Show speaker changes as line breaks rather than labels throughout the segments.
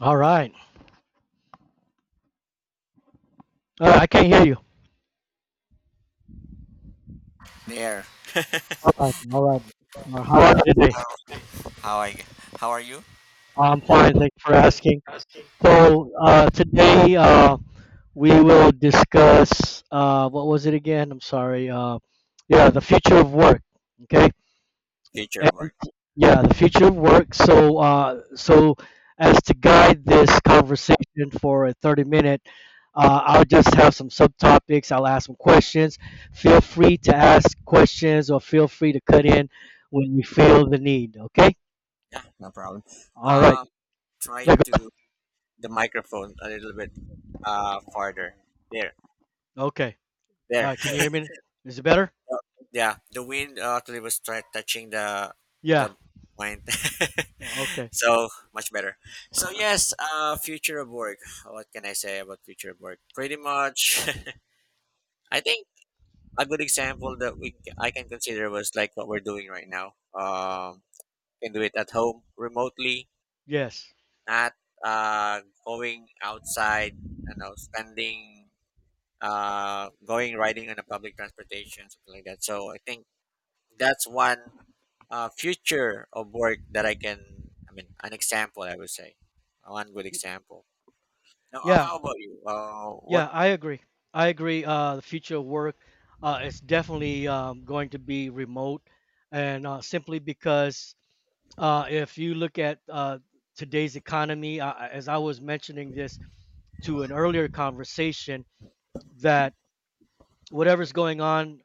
All right. I can't hear you.
There,
All right. How are you today?
how I how are you?
I'm fine. Thanks for asking. So today we will discuss what was it again? I'm sorry. Yeah, the future of work. Okay.
Future
and
work.
Yeah, the future of work. So as to guide this conversation for a 30 minute, I'll just have some subtopics. I'll ask some questions. Feel free to ask questions or feel free to cut in when you feel the need. Okay.
Yeah, no problem.
All right.
Uh, try
Okay.
to the microphone a little bit farther. There,
Okay. All
there.
right. Can you hear me? Is it better?
Uh, yeah, the wind actually was try touching the
Yeah.
the point.
Okay.
So much better. So yes, future of work. What can I say about future of work? Pretty much, I think a good example that we I can consider was like what we're doing right now. Can do it at home remotely,
Yes.
not uh, going outside, you know, spending, going riding on a public transportation, something like that. So I think that's one future of work that I can. I mean, an example, I would say, one good example. Now,
Yeah.
how about you? What?
Yeah, I agree. I agree. The future of work is definitely going to be remote, and simply because if you look at today's economy, as I was mentioning this to an earlier conversation, that whatever's going on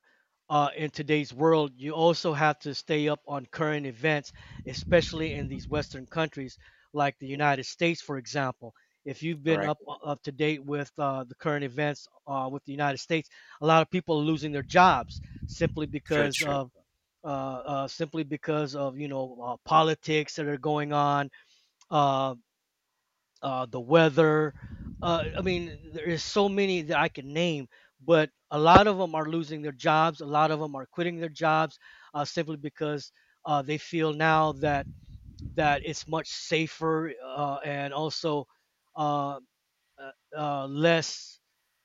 in today's world, you also have to stay up on current events, especially in
Mhm.
these Western countries like the United States, for example. If you've been
Correct.
up to date with the current events with the United States, a lot of people are losing their jobs simply
True.
because
True.
of simply because of you know politics that are going on, uh, the weather. I mean, there is so many that I can name, but a lot of them are losing their jobs. A lot of them are quitting their jobs simply because they feel now that it's much safer and also uh, uh, less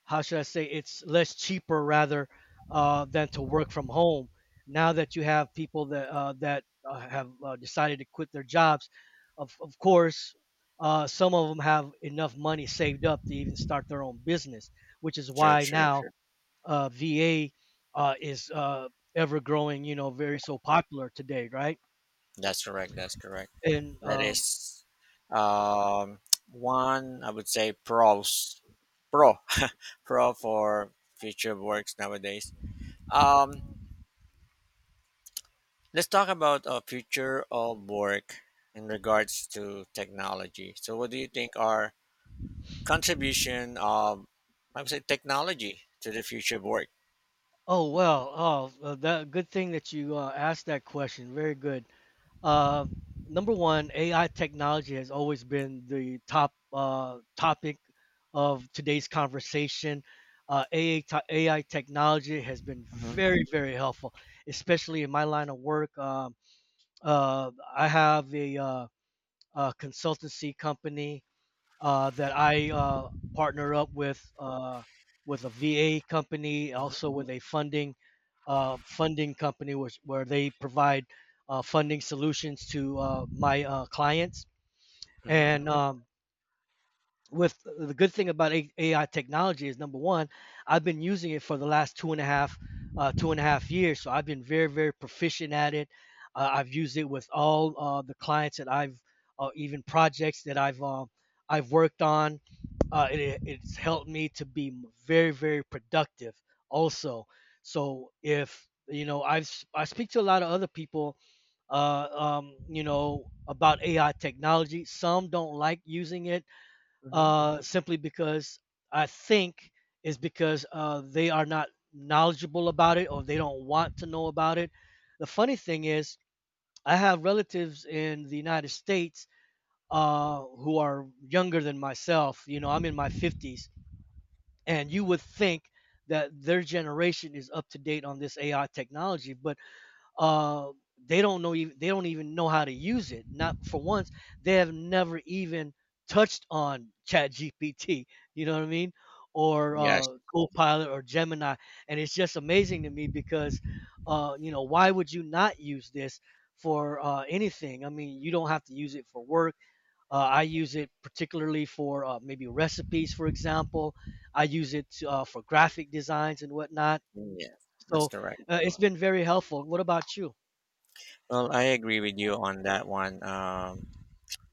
how should I say it's less cheaper rather than to work from home. Now that you have people that have decided to quit their jobs, of course, some of them have enough money saved up to even start their own business, which is
True.
why yeah,
True.
now sure, VA is ever growing. You know, very so popular today, right?
That's correct. That's correct.
And
That is, um, one, I would say, pros. Pro. Pro for future works nowadays. Um, let's talk about a future of work in regards to technology. So, what do you think are contribution of, I would say, technology to the future of work?
oh well, that good thing that you asked that question. Very good. Uh, Number one, AI technology has always been the top topic of today's conversation. AI technology has been
Hmm.
very, very helpful, especially in my line of work. I have a consultancy company that I partner up with a VA company,
Hmm.
also with a funding company, where they provide funding solutions to my clients.
Hmm.
And with the good thing about AI technology is number one, I've been using it for the last 2.5 years. So I've been very, very proficient at it. I've used it with all the clients that even projects that I've worked on. It's helped me to be very, very productive. Also, so if you know, I've s- I have I speak to a lot of other people, you know, about AI technology. Some don't like using it
Hmm.
simply because I think is because they are not knowledgeable about it or they don't want to know about it. The funny thing is, I have relatives in the United States who are younger than myself. You know, I'm in my 50s, and you would think that their generation is up to date on this AI technology, but uh, they don't even know how to use it. Not for once, they have never even touched on Chat GPT. You know what I mean? Or
Yes,
Copilot or Gemini, and it's just amazing to me because, you know, why would you not use this for anything? I mean, you don't have to use it for work. I use it particularly for maybe recipes, for example. I use it for graphic designs and whatnot.
yes, that's
So
correct.
it's been very helpful. What about you?
Well, I agree with you on that one.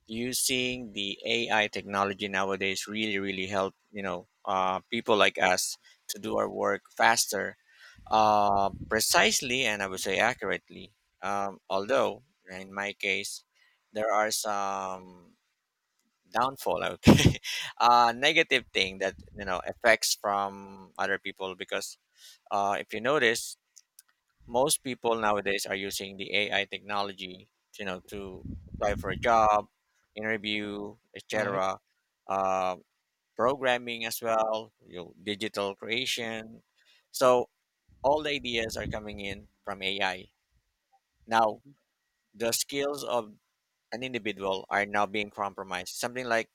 Using the AI technology nowadays really, really help, you know, people like us to do our work faster. Precisely, and I would say accurately. Although, in my case, there are some downfall, okay, negative thing that, you know, effects from other people. Because if you notice, most people nowadays are using the AI technology, you know, to apply for a job, interview,
Right.
etc. Uh, programming as well, you know, digital creation. So all the ideas are coming in from AI. Now,
Mhm.
the skills of an individual are now being compromised. Something like,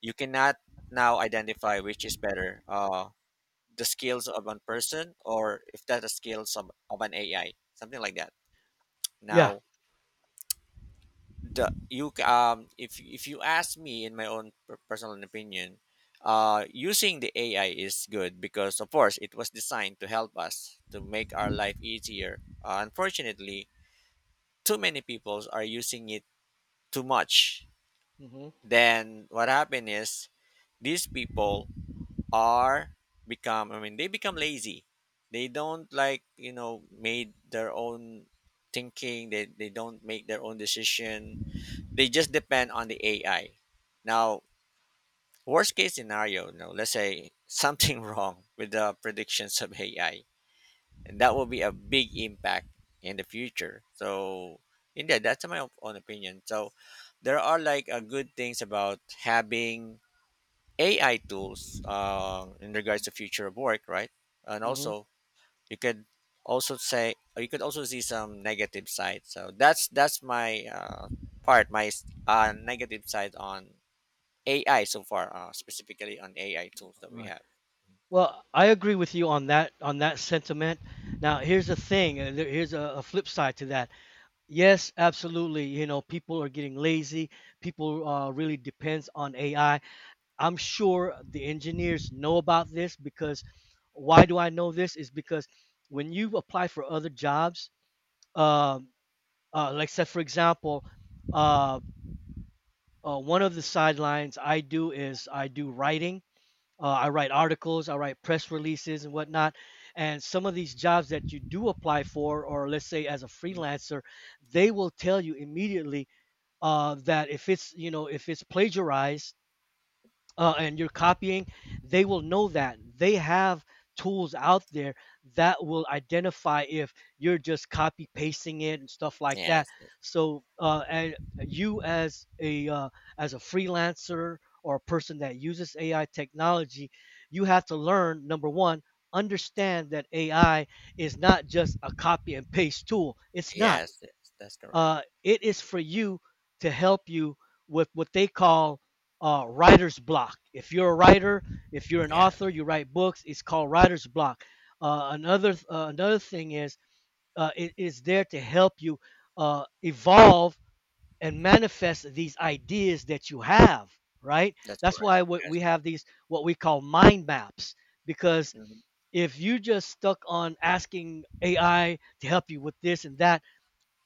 you cannot now identify which is better, the skills of one person or if that's the skills of, an AI, something like that.
Yeah.
Now, if you ask me, in my own personal opinion, using the AI is good because of course it was designed to help us to make our life easier. Unfortunately, too many people are using it too much.
Mhm.
Then what happen is these people are become, I mean, they become lazy. They don't like, you know, made their own thinking. They don't make their own decision. They just depend on the AI. Now, worst case scenario, you know, let's say something wrong with the predictions of AI, and that will be a big impact in the future. So yeah, that's my own opinion. So, there are like a good things about having AI tools, in regards to future of work, right? And
Mhm.
also, you could also say, you could also see some negative side. So that's my, part, my negative side on AI so far, specifically on AI tools that we
Right.
have.
Well, I agree with you on that sentiment. Now,
Mhm.
here's the thing, and here's a flip side to that. Yes, absolutely. You know, people are getting lazy. People really depends on AI. I'm sure the engineers know about this because why do I know this? Is because when you apply for other jobs, um, like say for example, uh, one of the sidelines I do is I do writing. I write articles, I write press releases and whatnot. And some of these jobs that you do apply for, or let's say as a freelancer, they will tell you immediately that if it's you know if it's plagiarized and you're copying, they will know that. They have tools out there that will identify if you're just copy pasting it and stuff like that.
Yes, yes.
So, and you as a freelancer or a person that uses AI technology, you have to learn number one, understand that AI is not just a copy and paste tool. It's not.
Yes, yes, that's correct.
It is for you to help you with what they call writer's block. If you're a writer, if you're an
Yeah.
author, you write books. It's called writer's block. Uh, another thing is it is there to help you evolve and manifest these ideas that you have. Right.
That's
That's
correct.
why
Yes.
we have these what we call mind maps because
Hmm.
if you just stuck on asking AI to help you with this and that,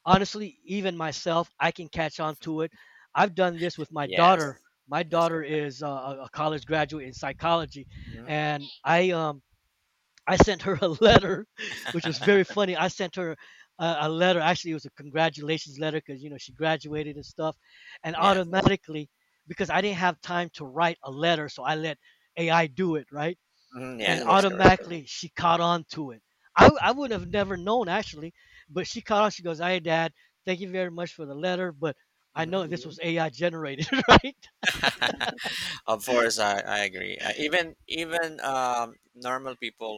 honestly, even myself, I can catch on to it. I've done this with my daughter.
Yes.
My
That's
daughter
correct.
is a college graduate in psychology,
Hmm.
and I sent her a letter, which was very funny. I sent her a letter. Actually, it was a congratulations letter because you know she graduated and stuff, and
Yes.
automatically because I didn't have time to write a letter, so I let AI do it, right?
Hmm.
And
Yeah,
right,
that's correct.
automatically she caught on to it. I would have never known actually, but she caught on. She goes, "Hey, Dad, thank you very much for the letter, but I
Hmm.
know this was mhm AI generated, right?"
Of course, I agree. Even normal people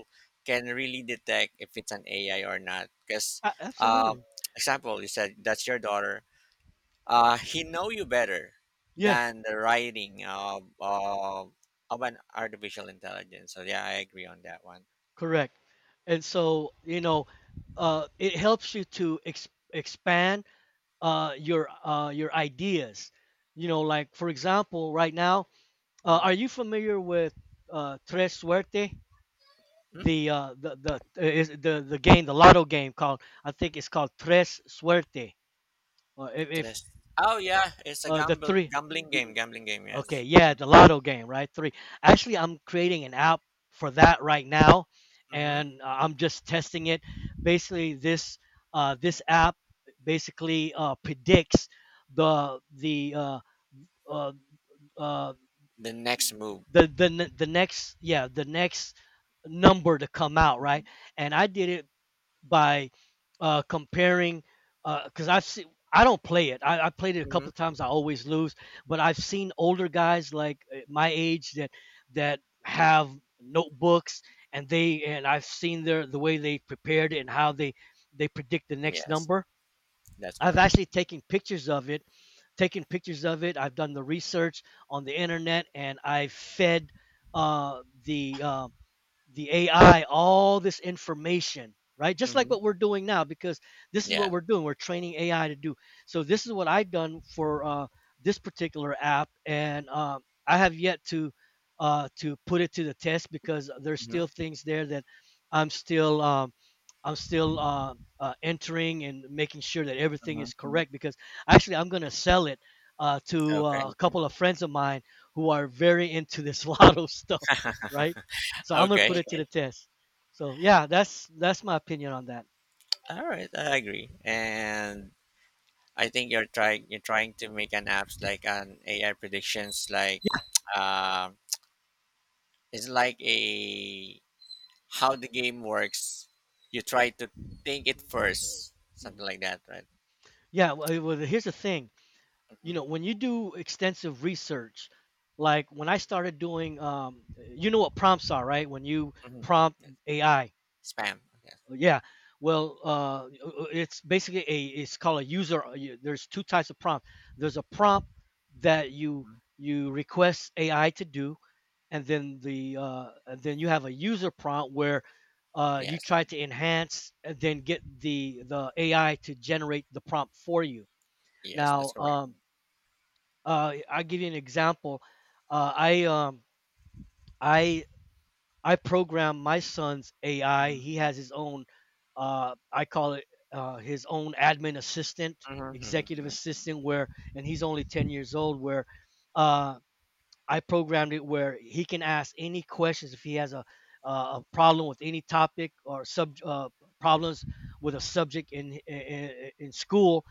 can really detect if it's an AI or not. Because,
A-
um
Absolutely.
example, you said that's your daughter. He know you better
Yeah,
than the writing of, of an artificial intelligence. So yeah, I agree on that one.
correct. And so you know, it helps you to expand your ideas. You know, like for example, right now,
Hmm.
are you familiar with Tres Suerte? The Is the game the lotto game called? I think it's called Tres Suerte or if
Tres. Oh yeah, it's a
the
gamble
three,
gambling game. Gambling game.
okay,
Yes.
yeah,
Mm.
the lotto game, right? Three. Actually, I'm creating an app for that right now,
Mm-hmm.
and I'm just testing it. Basically this this app basically predicts the the uh uh, uh
The next move.
the ne- the next yeah the next number to come out,
Hmm.
right? And I did it by comparing because I've seen I don't play it. I played it a
Hmm.
couple of times. I always lose, but I've seen older guys like my age that have notebooks, and they and I've seen the way they prepared it and how they predict the next
Yes,
number.
that's
I've
correct.
actually taken pictures of it, I've done the research on the internet and I fed uh, the uh, the AI all this information, right? Just like
Hmm.
what we're doing now, because this is what
Yeah.
we're doing. We're training AI to do. So this is what I've done for this particular app, and I have yet to put it to the test because there's
Hmm.
still things there that I'm still um, I'm still entering and making sure that everything
Hmm.
is correct. Because actually, I'm going to sell it to
Okay.
a couple of friends of mine who are very into this lotto stuff, right? So I'm gonna
Okay.
put it to the test. So yeah, that's my opinion on that.
All right. I agree. And I think you're trying. You're trying to make an apps like an AI predictions. Like,
Yeah,
uh, it's like a, how the game works. You try to think it first.
mhm.
Something like that, right?
Yeah, well, it here's the thing. You
Hmm.
know, when you do extensive research, like when I started doing, you know what prompts are, right? When you
Hmm.
prompt AI,
Spam. Yes.
yeah. Well, uh, it's basically a it's called a user. There's two types of prompt. There's a prompt that
Mhm.
you request AI to do, and then the and then you have a user prompt where you
Yes.
try to enhance and then get the AI to generate the prompt for you.
Yes, that's
Now,
correct.
I'll give you an example. Uh, I I program my son's AI.
Mhm,
He has his own. I call it his own admin assistant,
mhm, mhm,
executive
mhm,
assistant, where and he's only 10 years old. Where uh, I programmed it where he can ask any questions if he has a problem with any topic or sub problems with a subject in school.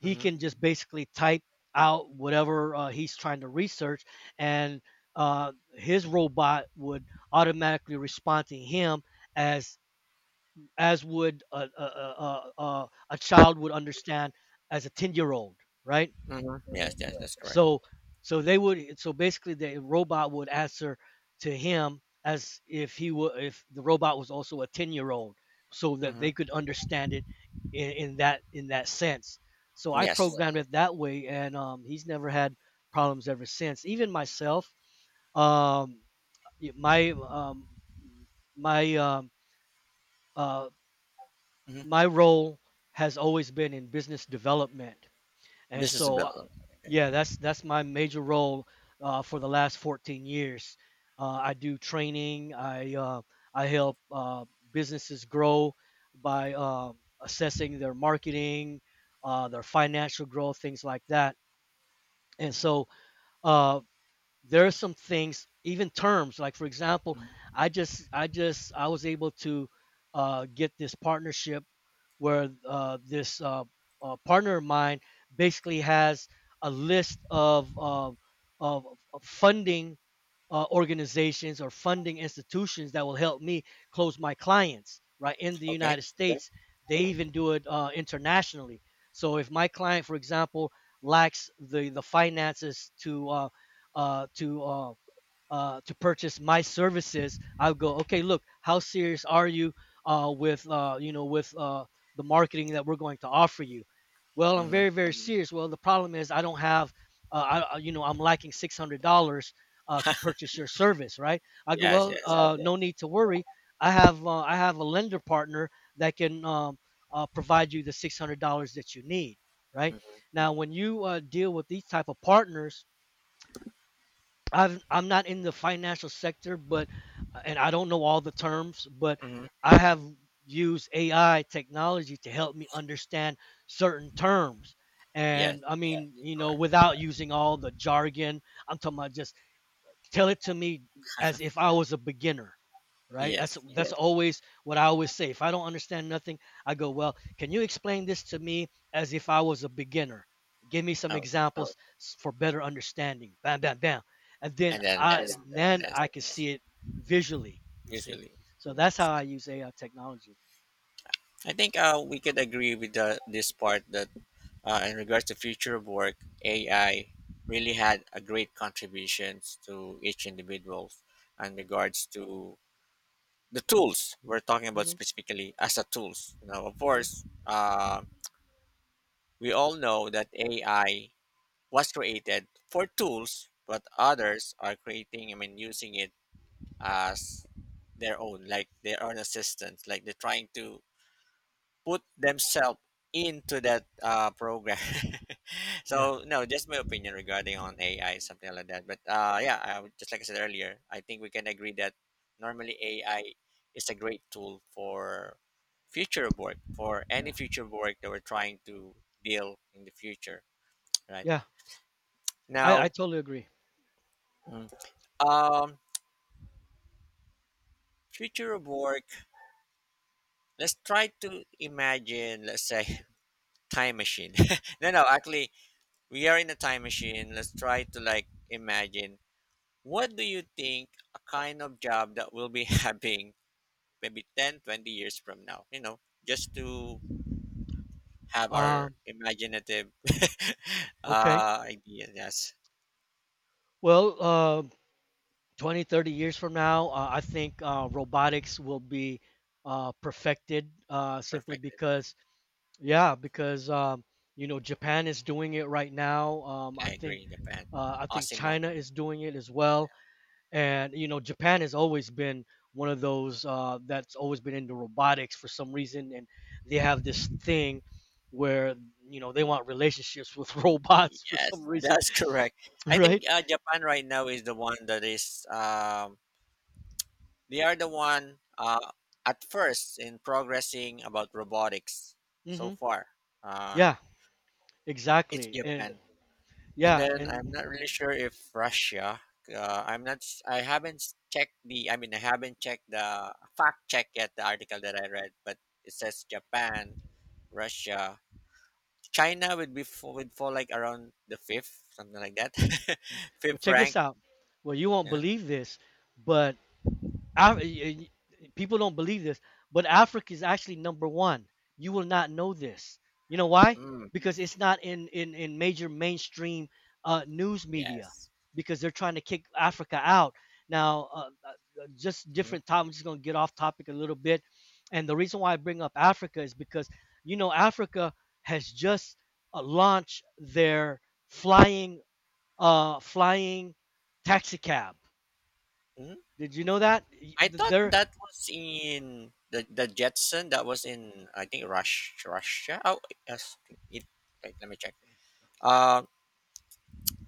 He
mhm,
can just basically type out whatever he's trying to research, and his robot would automatically respond to him as as would a child would understand as a 10 year old, right?
mhm. Yes, yes, that's correct.
so so basically the robot would answer to him as if he were if the robot was also a 10-year-old so that
Mhm.
they could understand it in that sense. So I
Yes.
programmed it that way, and he's never had problems ever since. Even myself, um, y- my um, my um, uh,
Mhm.
my role has always been in business development. And
Business
so
development. Okay.
yeah, that's my major role for the last 14 years. I do training. I help businesses grow by assessing their marketing, their financial growth, things like that. And so uh, there are some things, even terms, like for example,
Mhm.
I was able to get this partnership where this partner of mine basically has a list of of funding organizations or funding institutions that will help me close my clients right in the
Okay.
United, okay, States. They even do it internationally. So if my client, for example, lacks the finances to uh, to uh, to purchase my services, I'll go, "Okay, look, how serious are you with you know, with the marketing that we're going to offer you?" Well, I'm
Mhm.
very, very, mm, serious. Well, the problem is I don't have, you know, I'm lacking $600 to purchase your service, right? I go,
Yes,
"Well," yeah,
yes.
yeah, "no need to worry. I have a lender partner that can provide you the $600 that you need," right?
Mhm,
Now, when you deal with these type of partners, I'm not in the financial sector, but and I don't know all the terms, but
mhm.
I have used AI technology to help me understand certain terms.
Yes,
And I
that's
mean, you know,
correct.
without using all the jargon, I'm talking about just tell it to me as if I was a beginner, right? That's,
Yes.
yeah, that's, yeah, always what I always say. If I don't understand nothing, I go, "Well, can you explain this to me as if I was a beginner? Give me some
Oh,
examples for better understanding." Bam, bam, bam, and then
and then
I, yeah, then
that's
I can see it visually. You see,
usually.
so that's how I use AI technology.
I think, we could agree with the, this part that, in regards to future of work, AI really had a great contributions to each individual in regards to the tools we're talking about,
hmm
specifically as a tools. You know, of course,
hmm
we all know that AI was created for tools, but others are creating, I mean, using it as their own, like their own assistants, like they're trying to put themselves into that, program.
Yeah,
So, no, just my opinion regarding on AI, something like that. But yeah, would, just like I said earlier, I think we can agree that normally AI is a great tool for future of work, for any
yeah,
future of work that we're trying to deal in the future, right?
yeah. I
Now,
totally agree.
mm, um, future of work. Let's try to imagine, let's say, time machine. No, no, actually, we are in a time machine. Let's try to like imagine, what do you think a kind of job that we'll be having maybe 10, 20 years from now, you know, just to have our
Um,
imaginative
okay.
idea. Yes,
Well, 20, 30 years from now, I think robotics will be perfected, simply
perfect.
because, yeah, because you know, Japan is doing it right now.
I agree, Japan.
I think
Osimo.
China is doing it as well, and you know, Japan has always been one of those that's always been into robotics for some reason, and they have
Mhm.
this thing where you know, they want relationships with robots for some
Yes,
reason,
that's correct. I
right?
think, Japan right now is the one that is, they are the one, at first in progressing about robotics so
Hmm.
far. Uh,
Yeah,
it's
exactly, and
Japan, and
yeah,
then I'm not really
and
sure if Russia. I'm not. I haven't checked the. I mean, I haven't checked the fact check yet. The article that I read, but it says Japan, Russia, China would be fall, would fall like around the fifth, something like that,
well,
fifth
check this
rank.
out. Well, you won't
Yeah.
believe this, but Af- y- people don't believe this, but Africa is actually number one. You will not know this. You know why?
Mm,
Because it's not in major mainstream news media
yes.
because they're trying to kick Africa out. Now, just different topic. I'm just gonna get off topic a little bit, and the reason why I bring up Africa is because you know, Africa has just launched their flying flying taxi cab.
Mhm.
Did you know that? Y-
I thought
are
that was in the Jetson. That was in, I think, Rush Russia. Oh yes, it. Wait, let me check. Um,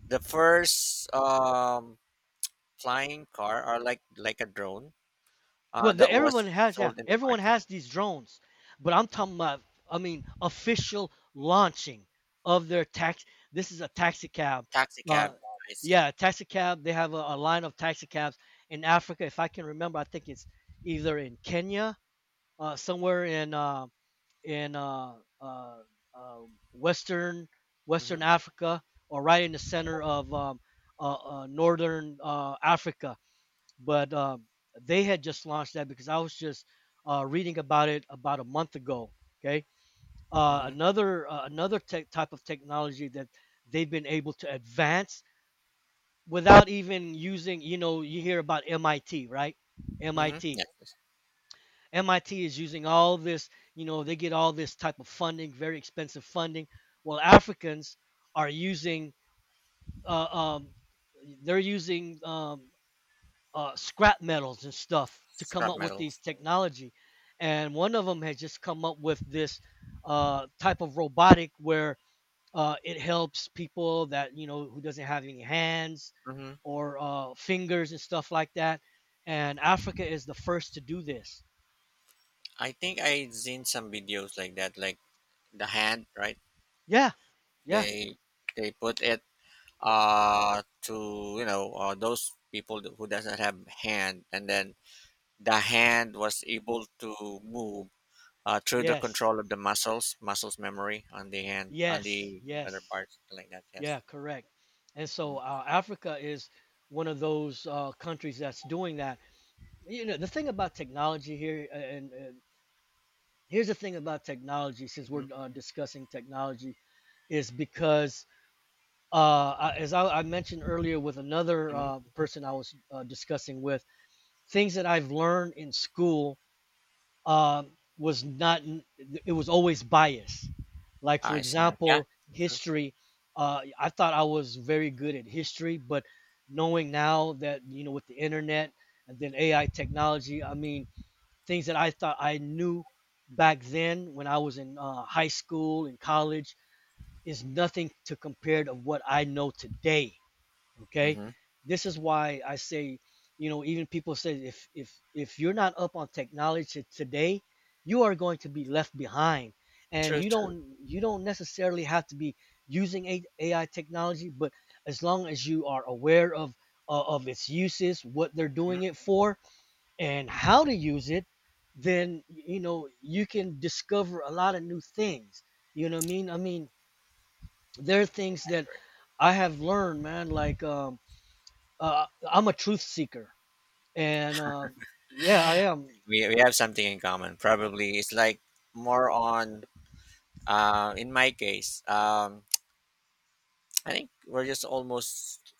the first, flying car, or like a drone.
Well,
That was
everyone has, yeah,
sold in the
everyone
market.
has these drones, but I'm
Hmm.
talking about, I mean, official launching of their tax. This is a taxi cab.
Taxi
Uh,
cab. I see.
yeah, taxi cab. They have a line of taxi cabs in Africa. If I can remember, I think it's either in Kenya, somewhere in in uh, uh, uh, western
Mm-hmm.
Western Africa, or right in the center of northern Africa. But they had just launched that because I was just reading about it about a month ago. Okay,
Mm-hmm.
another tech type of technology that they've been able to advance without even using. You know, you hear about MIT, right?
Mm-hmm.
MIT
Yes. Yes.
MIT is using all of this, you know, they get all this type of funding, very expensive funding. Well, Africans are using, uh, um, they're using scrap metals and stuff to come
Scrap
up with these
metals.
technology. And one of them has just come up with this type of robotic where it helps people that, you know, who doesn't have any hands
Mm-hmm.
or fingers and stuff like that. And Africa is the first to do this.
I think I seen some videos like that, like the hand, right?
Yeah, yeah.
They they put it, to, you know, those people who doesn't have hand, and then the hand was able to move, through the
Yes,
control of the muscles, muscles memory on the hand, on
yes,
the other
yes.
parts, something like that. Yes.
Yeah, correct. And so Africa is one of those countries that's doing that. You know, the thing about technology here, and here's the thing about technology, since
Mm-hmm.
we're discussing technology, is because uh, as I mentioned earlier with another
Hmm.
person I was discussing with, things that I've learned in school, um, was not, it was always biased, like, for, right,
I see. Yeah.
example,
True.
history. I thought I was very good at history, but knowing now that, you know, with the internet and then AI technology, I mean, things that I thought I knew back then when I was in high school and college is nothing to compare to what I know today. Okay,
Hmm.
this is why I say, you know, even people say if if you're not up on technology today, you are going to be left behind. And
True.
you
True.
don't, you don't necessarily have to be using AI technology, but as long as you are aware of its uses, what they're
Mhm.
doing it for, and how to use it, then you know, you can discover a lot of new things. You know what I mean? I mean, there are things that I have learned, man, like I'm a truth seeker, and yeah, I am.
We have something in common. Probably it's like more on. In my case, I think we're just almost,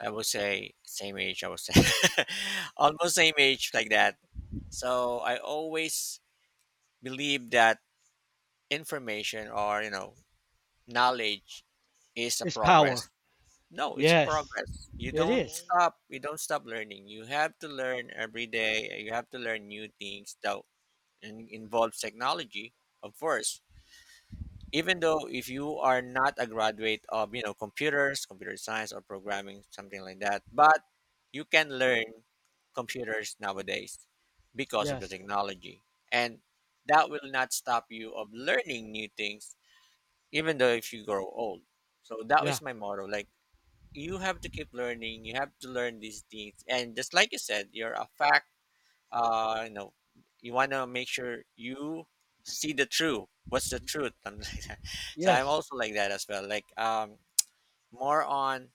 I would say, same age. I would say almost same age like that. So I always believe that information, or you know, knowledge is a
It's
progress.
power.
No, it's a
Yes,
progress. You
it
don't
is.
stop. You don't stop learning. You have to learn every day. You have to learn new things that involves technology, of course. Even though if you are not a graduate of, you know, computer science or programming, something like that, but you can learn computers nowadays because of the
Yes,
technology, and that will not stop you of learning new things, even though if you grow old. So that
yeah,
is my motto, like, you have to keep learning, you have to learn these things. And just like you said, you're a fact, you know, you want to make sure you see the truth, what's the truth. I'm like that. So I'm
yes,
also like that as well, like, more on,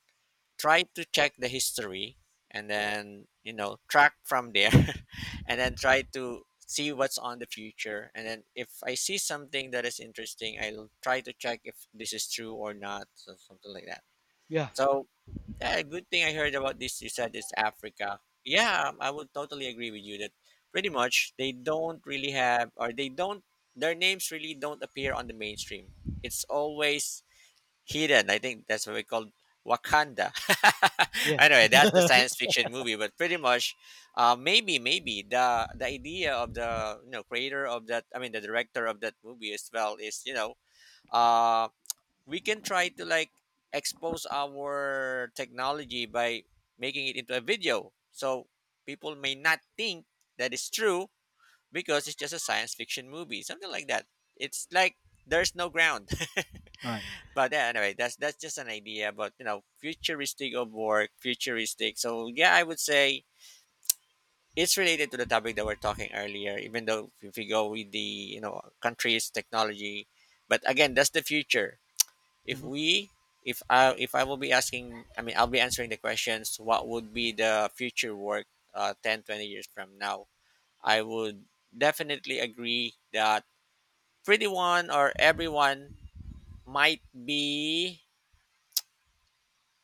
try to check the history and then, you know, track from there. And then try to see what's on the future, and then if I see something that is interesting, I'll try to check if this is true or not, so something like that.
yeah,
So yeah, good thing I heard about this. You said it's Africa. Yeah, I would totally agree with you that pretty much they don't really have, or they don't, their names really don't appear on the mainstream. It's always hidden. I think that's what we call Wakanda.
yeah.
Anyway, that's the science fiction movie, but pretty much, maybe, maybe the idea of the, you know, creator of that, I mean, the director of that movie as well, is, you know, um we can try to like expose our technology by making it into a video, so people may not think that it's true because it's just a science fiction movie, something like that. It's like there's no ground.
right.
But yeah, anyway, that's just an idea. But you know, futuristic of work, futuristic. So yeah, I would say it's related to the topic that we're talking earlier, even though if we go with the, you know, countries technology. But again, that's the future. if
Hmm.
we if I will be asking, I mean, I'll be answering the questions, what would be the future work, 10, 20 years from now, I would definitely agree that pretty one, or everyone, might be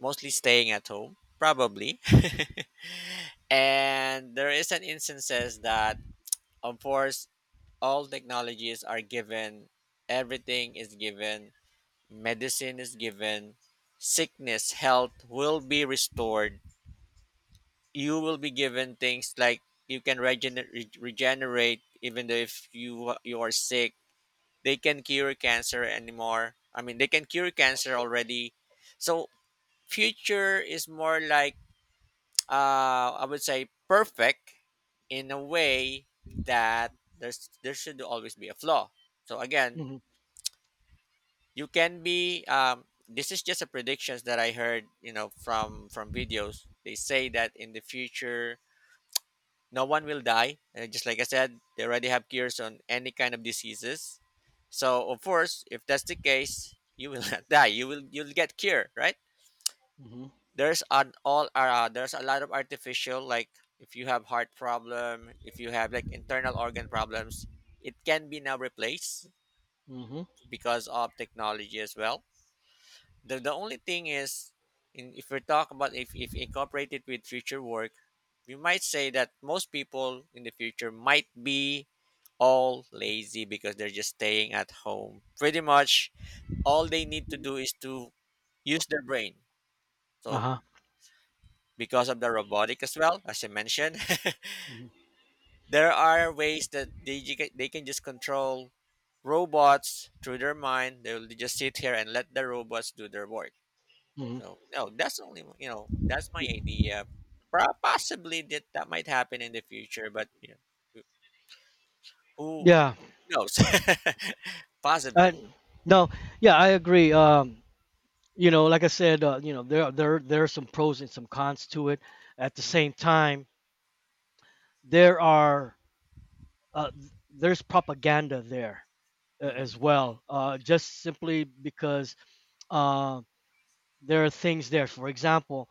mostly staying at home probably. And there is an instances that, of course, all technologies are given, everything is given, medicine is given, sickness, health will be restored. You will be given things like, you can regenerate even though if you, you are sick. They can cure cancer anymore, I mean, they can cure cancer already. So future is more like, I would say, perfect in a way, that there's, there should always be a flaw. So again,
hmm
you can be, this is just a predictions that I heard, you know, from videos. They say that in the future no one will die. And just like I said, they already have cures on any kind of diseases. So of course, if that's the case, you will not die. You will, you'll get cure, right?
hmm
There's an all, there's a lot of artificial, like, if you have heart problem, if you have like internal organ problems, it can be now replaced
hmm
because of technology as well. The only thing is, in, if we talk about, if incorporated with future work, we might say that most people in the future might be all lazy because they're just staying at home. Pretty much all they need to do is to use their brain.
Uh
So
huh.
because of the robotic as well, as I mentioned,
hmm
there are ways that they can just control robots through their mind. They'll just sit here and let the robots do their work.
hmm
So no, that's only, you know, that's my idea. Possibly that that might happen in the future, but you know, who
Yeah.
knows?
I,
Possibly.
no. Yeah, I agree. You know, like I said, you know, there are some pros and some cons to it. At the same time, there are uh, there's propaganda there
Hmm.
as well. Just simply because uh, there are things there. For example,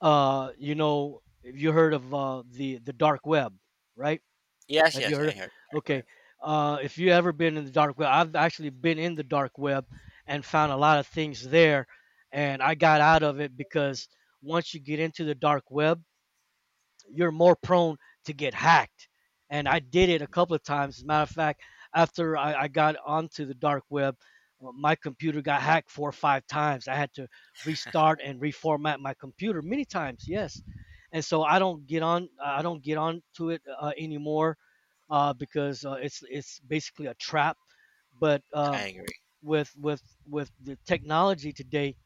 you know, if you heard of the dark web, right?
Yes,
Have you
yes, I
heard?
heard. I agree.
Okay, if you ever been in the dark web, I've actually been in the dark web and found a lot of things there, and I got out of it because once you get into the dark web, you're more prone to get hacked. And I did it a couple of times. As a matter of fact, after I got onto the dark web, my computer got hacked four or five times. I had to restart and reformat my computer many times. Yes, and so I don't get on. I don't get on to it anymore because it's basically a trap. But
I agree.
with with the technology today,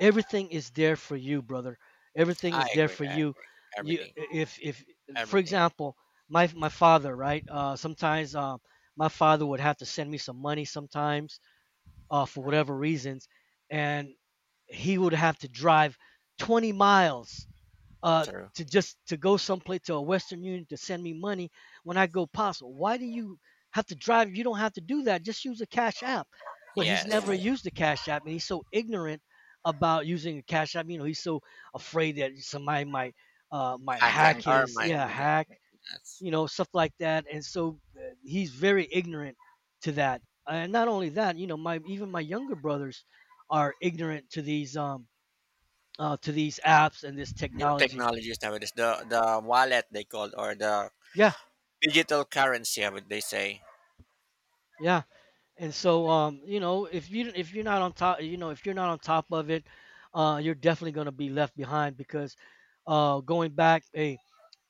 everything is there for you, brother. Everything
I
is there
agree.
for
I
you.
agree.
You
Everything.
if for
Everything.
example My father, right, sometimes my father would have to send me some money sometimes for whatever reasons, and he would have to drive 20 miles uh,
True.
to just to go someplace to a Western Union to send me money, when I go, possible. Why do you have to drive? You don't have to do that. Just use a Cash App. But he's never
Yes.
used a Cash App, and he's so ignorant about using a Cash App. You know, he's so afraid that somebody might
Packet,
hack
or
his,
my,
yeah,
my
hack,
yes.
you know, stuff like that. And so he's very ignorant to that. And not only that, you know, my, even my younger brothers are ignorant to these apps and this
New
technology.
technologies nowadays. The wallet they called, or the
Yeah.
digital currency, I would they say.
Yeah, and
Mhm.
so you know, if you, if you're not on top, you know, if you're not on top of it, you're definitely gonna be left behind because going back, hey,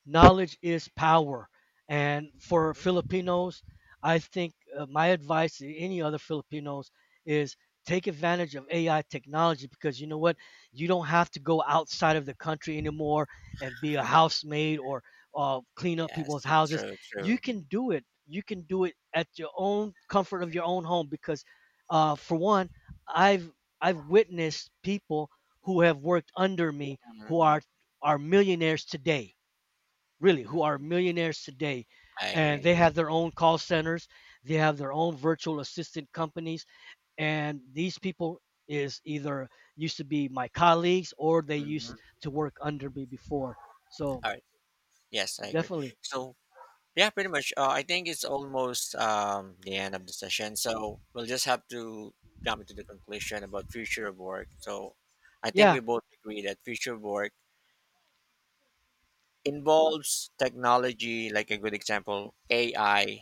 knowledge is power. And for
Mhm.
Filipinos, I think my advice to any other Filipinos is take advantage of AI technology, because you know what? You don't have to go outside of the country anymore and be a housemaid or clean up people's
Yes.
houses.
True.
You
True.
can do it. You can do it at your own comfort of your own home because, for one, I've I've witnessed people who have worked under me
Mhm.
who are millionaires today, really,
Mm.
who are millionaires today,
I
and
agree.
they have their own call centers, they have their own virtual assistant companies. And these people is either used to be my colleagues, or they
Mhm.
used to work under me before. So
All right. Yes, I agree.
definitely.
So yeah, pretty much. I think it's almost, the end of the session, so we'll just have to jump into the conclusion about future of work. So, I think
Yeah,
we both agree that future of work involves technology, like a good example, AI,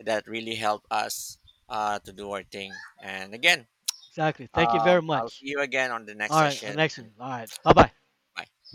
that really help us, to do our thing. And again,
exactly, thank you very
I'll
much.
see you again on the next
All right,
session.
next
And
one. All right, bye bye.
bye.